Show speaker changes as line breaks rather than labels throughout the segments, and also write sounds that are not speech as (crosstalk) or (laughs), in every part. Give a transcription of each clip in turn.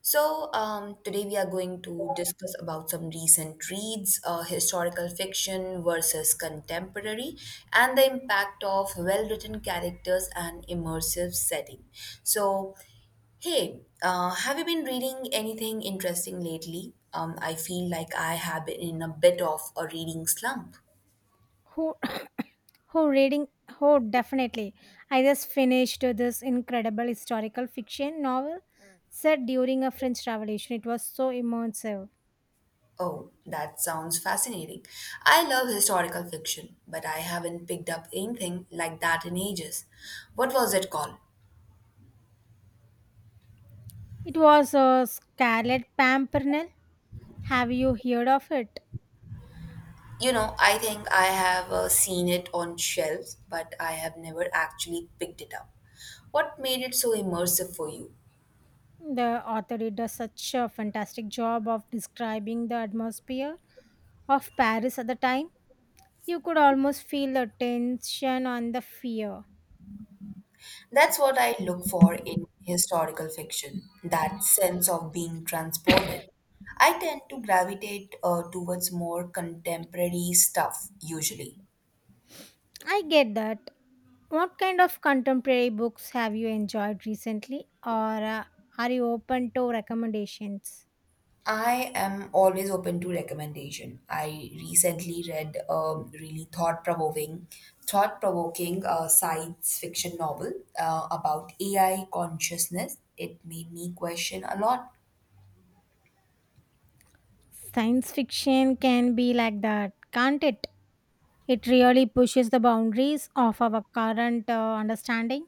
Today we are going to discuss about some recent reads, historical fiction versus contemporary, and the impact of well-written characters and immersive setting. So, Hey, have you been reading anything interesting lately? I feel like I have been in a bit of a reading slump.
Who? (laughs) (coughs) who reading who Definitely, I just finished this incredible historical fiction novel set during a french revolution. It was so immersive.
Oh, that sounds fascinating. I love historical fiction, but I haven't picked up anything like that in ages. What was it called?
It was Scarlet Pimpernel. Have you heard of it?
You know, I think I have seen it on shelves, but I have never actually picked it up. What made it so immersive for you?
The author did a such a fantastic job of describing the atmosphere of Paris at the time. You could almost feel the tension and the fear.
That's what I look for in historical fiction, that sense of being transported. I tend to gravitate towards more contemporary stuff usually.
I get that. What kind of contemporary books have you enjoyed recently, or are you open to recommendations?
I am always open to recommendation. I recently read a really thought-provoking science fiction novel about AI consciousness. It made me question a lot.
Science fiction can be like that, can't it? It really pushes the boundaries of our current understanding.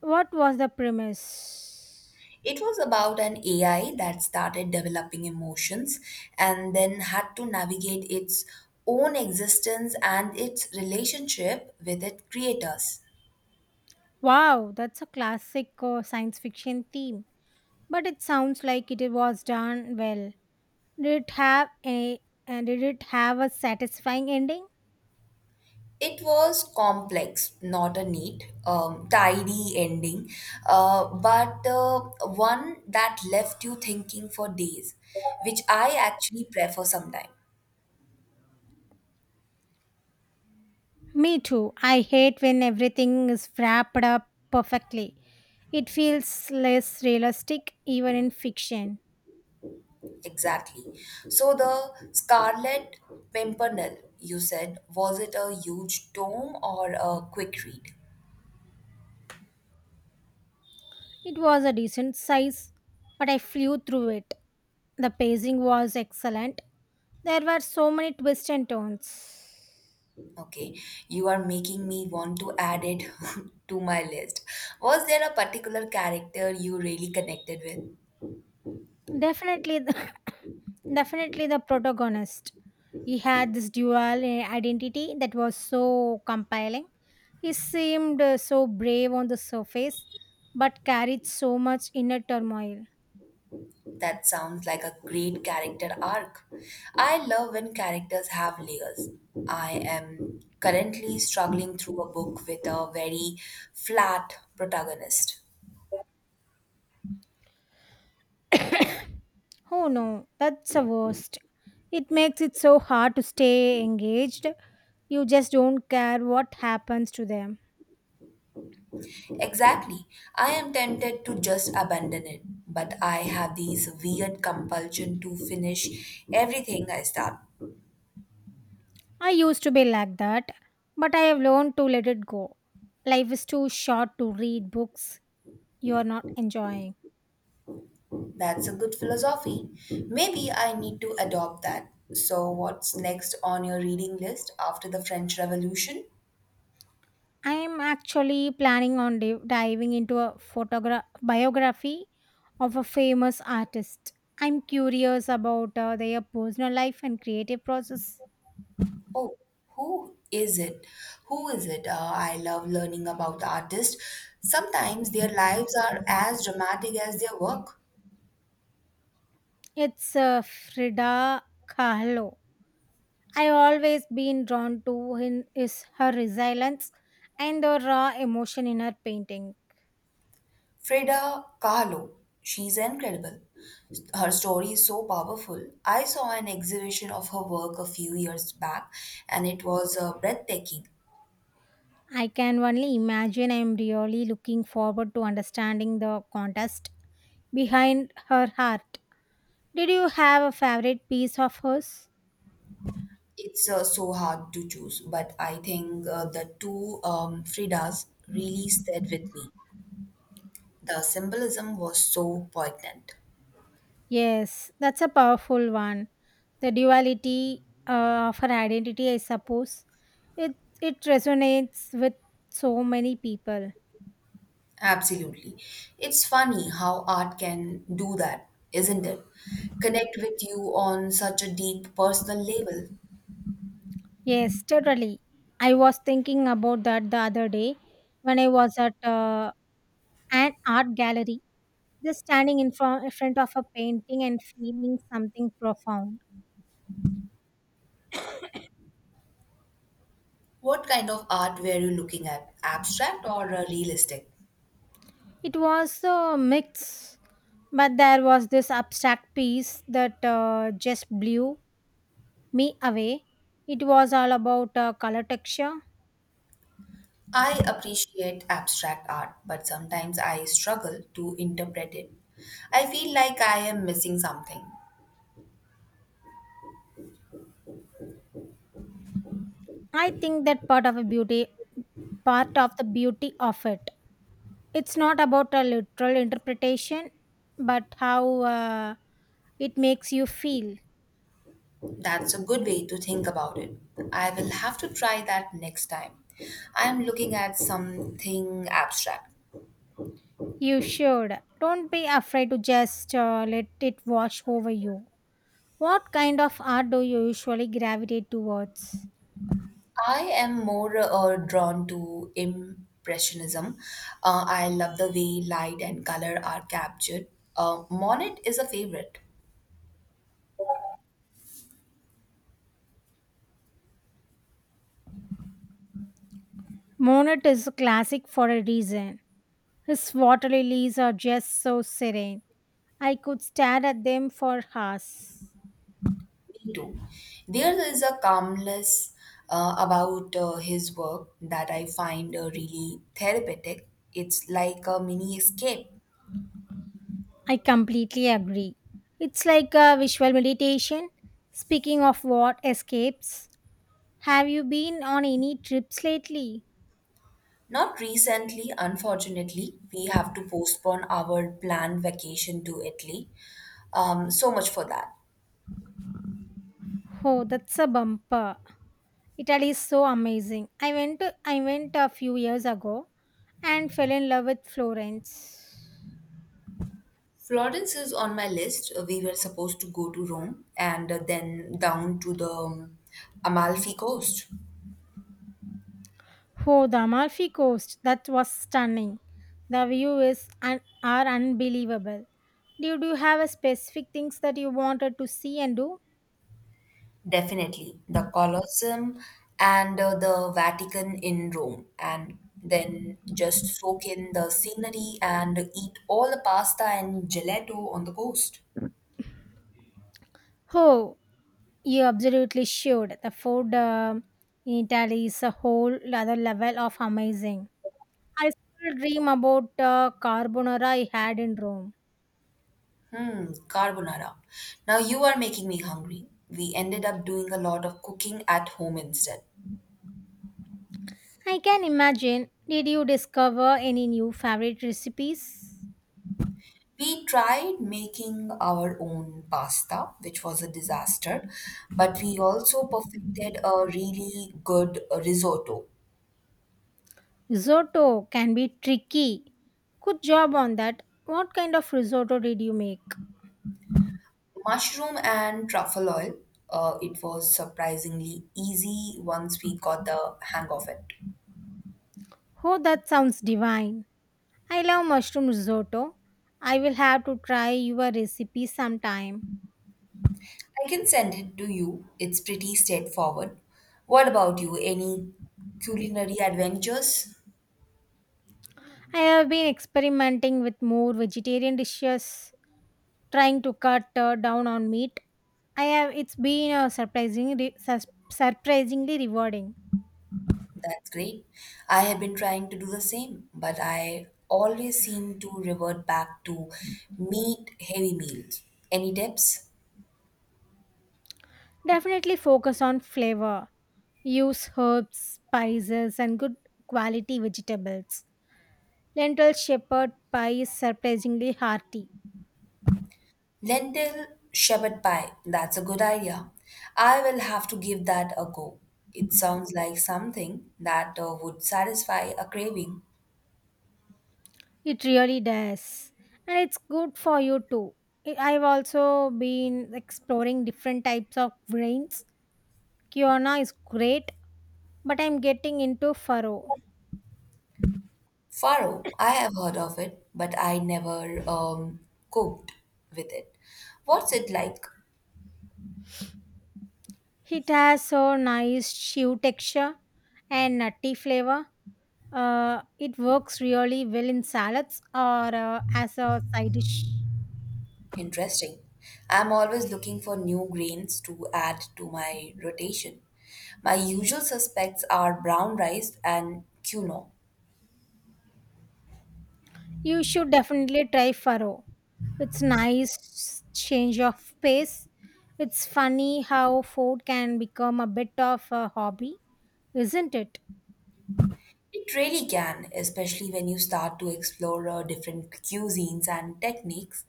What was the premise?
It was about an AI that started developing emotions and then had to navigate its own existence and its relationship with its creators.
Wow, that's a classic science fiction theme. But it sounds like it was done well. Did it have a And did it have a satisfying ending?
It was complex, not a neat, tidy ending, but one that left you thinking for days, which I actually prefer sometimes.
Me too. I hate when everything is wrapped up perfectly. It feels less realistic even in fiction.
Exactly. So the Scarlet Pimpernel, you said, was it a huge tome or a quick read?
It was a decent size, but I flew through it. The pacing was excellent. There were so many twists and turns.
Okay, you are making me want to add it (laughs) to my list. Was there a particular character you really connected with?
Definitely, the, (laughs) definitely the protagonist. He had this dual identity that was so compelling. He seemed so brave on the surface, but carried so much inner turmoil.
That sounds like a great character arc. I love when characters have layers. I am currently struggling through a book with a very flat protagonist.
Oh no, that's the worst. It makes it so hard to stay engaged. You just don't care what happens to them.
Exactly. I am tempted to just abandon it, but I have these weird compulsion to finish everything I start.
I used to be like that, but I have learned to let it go. Life is too short to read books you are not enjoying.
That's a good philosophy. Maybe I need to adopt that. So, what's next on your reading list after the French Revolution?
I am actually planning on diving into a biography of a famous artist. I'm curious about their personal life and creative process.
Oh, who is it? Who is it? I love learning about artists. Sometimes their lives are as dramatic as their work.
It's Frida Kahlo. I've always been drawn to in is her resilience and the raw emotion in her painting.
Frida Kahlo, she's incredible. Her story is so powerful. I saw an exhibition of her work a few years back, and it was breathtaking.
I can only imagine. I'm really looking forward to understanding the contest behind her heart. Did you have a favorite piece of hers?
It's so hard to choose, but I think the two Fridas really stayed with me. The symbolism was so poignant.
Yes, that's a powerful one. The duality of her identity, I suppose. It it resonates with so many people.
Absolutely. It's funny how art can do that, isn't it? Connect with you on such a deep personal level.
Yes, totally. I was thinking about that the other day when I was at an art gallery, just standing in front of a painting and feeling something profound.
What kind of art were you looking at? Abstract or realistic?
It was a mix, but there was this abstract piece that just blew me away. It was all about color texture.
I appreciate abstract art, but sometimes I struggle to interpret it. I feel like I am missing something.
I think that part of a beauty, Part of the beauty of it, it's not about a literal interpretation but how it makes you feel.
That's a good way to think about it. I will have to try that next time. I am looking at something abstract.
You should, don't be afraid to just let it wash over you. What kind of art do you usually gravitate towards?
I am more drawn to Impressionism. I love the way light and color are captured. Monet is a favorite.
Monet is a classic for a reason. His water lilies are just so serene. I could stare at them for hours.
Me too. There is a calmness about his work that I find really therapeutic. It's like a mini escape.
I completely agree, it's like a visual meditation. Speaking of what escapes, have you been on any trips lately?
Not recently, unfortunately, we have to postpone our planned vacation to Italy. So much for that.
Oh, that's a bumper. Italy is so amazing. I went a few years ago and fell in love with Florence.
Florence is on my list. We were supposed to go to Rome and then down to the Amalfi Coast.
Oh, the Amalfi Coast. That was stunning. The view is un- are unbelievable. Did you have a specific things that you wanted to see and do?
Definitely. The Colosseum and the Vatican in Rome. And then just soak in the scenery and eat all the pasta and gelato on the coast.
Oh, you absolutely should. The food in Italy is a whole other level of amazing. I still dream about the carbonara I had in Rome.
Hmm, carbonara. Now you are making me hungry. We ended up doing a lot of cooking at home instead.
I can imagine. Did you discover any new favorite recipes?
We tried making our own pasta, which was a disaster, but we also perfected a really good risotto.
Risotto can be tricky. Good job on that. What kind of risotto did you make?
Mushroom and truffle oil, it was surprisingly easy once we got the hang of it.
Oh, that sounds divine. I love mushroom risotto. I will have to try your recipe sometime.
I can send it to you. It's pretty straightforward. What about you? Any culinary adventures?
I have been experimenting with more vegetarian dishes, trying to cut down on meat. I have It's been surprisingly rewarding.
That's great. I have been trying to do the same, but I always seem to revert back to meat heavy meals. Any tips?
Definitely focus on flavor. Use herbs, spices and good quality vegetables. Lentil shepherd pie is surprisingly hearty.
Lentil shepherd pie. That's a good idea. I will have to give that a go. It sounds like something that would satisfy a craving.
It really does. And it's good for you too. I've also been exploring different types of grains. Kiona is great, but I'm getting into furrow.
Faro, I have heard of it, but I never cooked with it. What's it like?
It has so nice chew texture and nutty flavor. It works really well in salads or as a side dish.
Interesting. I'm always looking for new grains to add to my rotation. My usual suspects are brown rice and quinoa.
You should definitely try farro. It's nice change of pace. It's funny how food can become a bit of a hobby, isn't it?
It really can, especially when you start to explore different cuisines and techniques.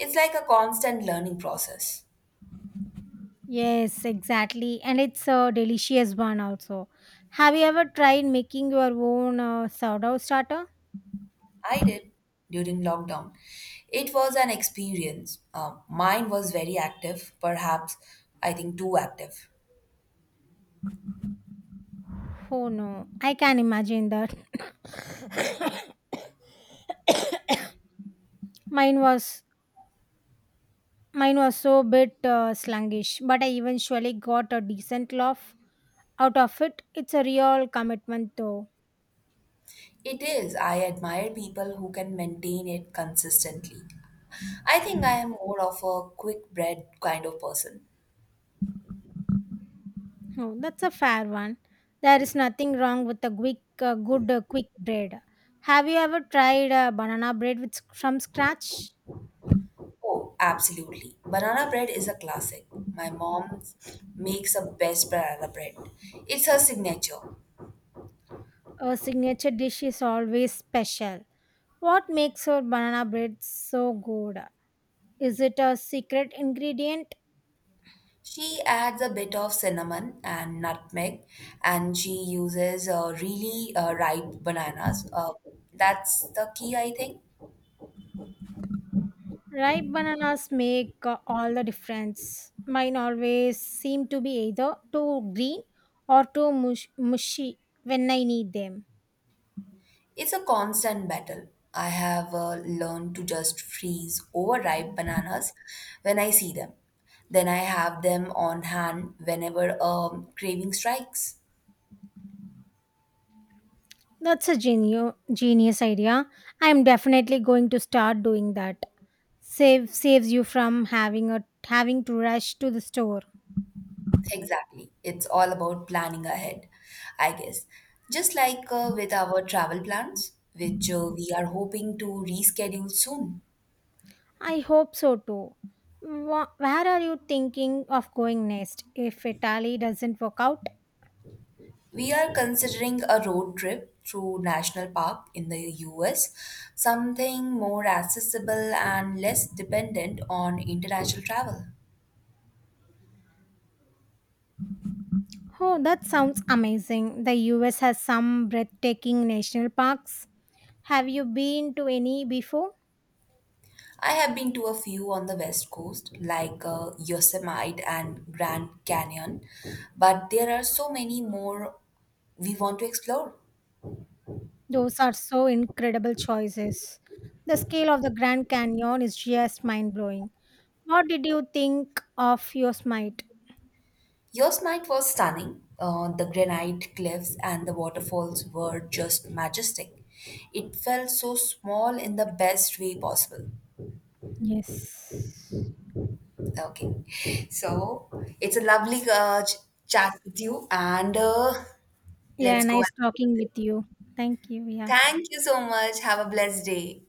It's like a constant learning process.
Yes, exactly. And it's a delicious one also. Have you ever tried making your own sourdough starter?
I did during lockdown. It was an experience. Mine was very active, perhaps, I think, too active.
Oh no, I can imagine that. Mine was Mine was so bit sluggish, but I eventually got a decent laugh out of it. It's a real commitment, though.
It is. I admire people who can maintain it consistently. I think I am more of a quick bread kind of person.
Oh, that's a fair one. There is nothing wrong with a quick bread. Have you ever tried banana bread from scratch?
Oh, absolutely. Banana bread is a classic. My mom makes the best banana bread. It's her signature.
A signature dish is always special. What makes your banana bread so good? Is it a secret ingredient?
She adds a bit of cinnamon and nutmeg, and she uses really ripe bananas. That's the key, I think.
Ripe bananas make all the difference. Mine always seem to be either too green or too mushy when I need them.
It's a constant battle. I have learned to just freeze overripe bananas when I see them. Then I have them on hand whenever craving strikes.
That's a genius idea. I'm definitely going to start doing that. Saves you from having to rush to the store.
Exactly. It's all about planning ahead, I guess. Just like with our travel plans, which we are hoping to reschedule soon.
I hope so too. Where are you thinking of going next if Italy doesn't work out?
We are considering a road trip through National Park in the US, something more accessible and less dependent on international travel.
Oh, that sounds amazing. The US has some breathtaking national parks. Have you been to any before?
I have been to a few on the West Coast, like Yosemite and Grand Canyon, but there are so many more we want to explore.
Those are so incredible choices. The scale of the Grand Canyon is just mind blowing. What did you think of your smite?
Yosemite was stunning. The granite cliffs and the waterfalls were just majestic. It felt so small in the best way possible.
Yes.
Okay. So it's a lovely chat with you, and
Yeah,
let's go.
nice talking with you. Thank you. Yeah.
Thank you so much. Have a blessed day.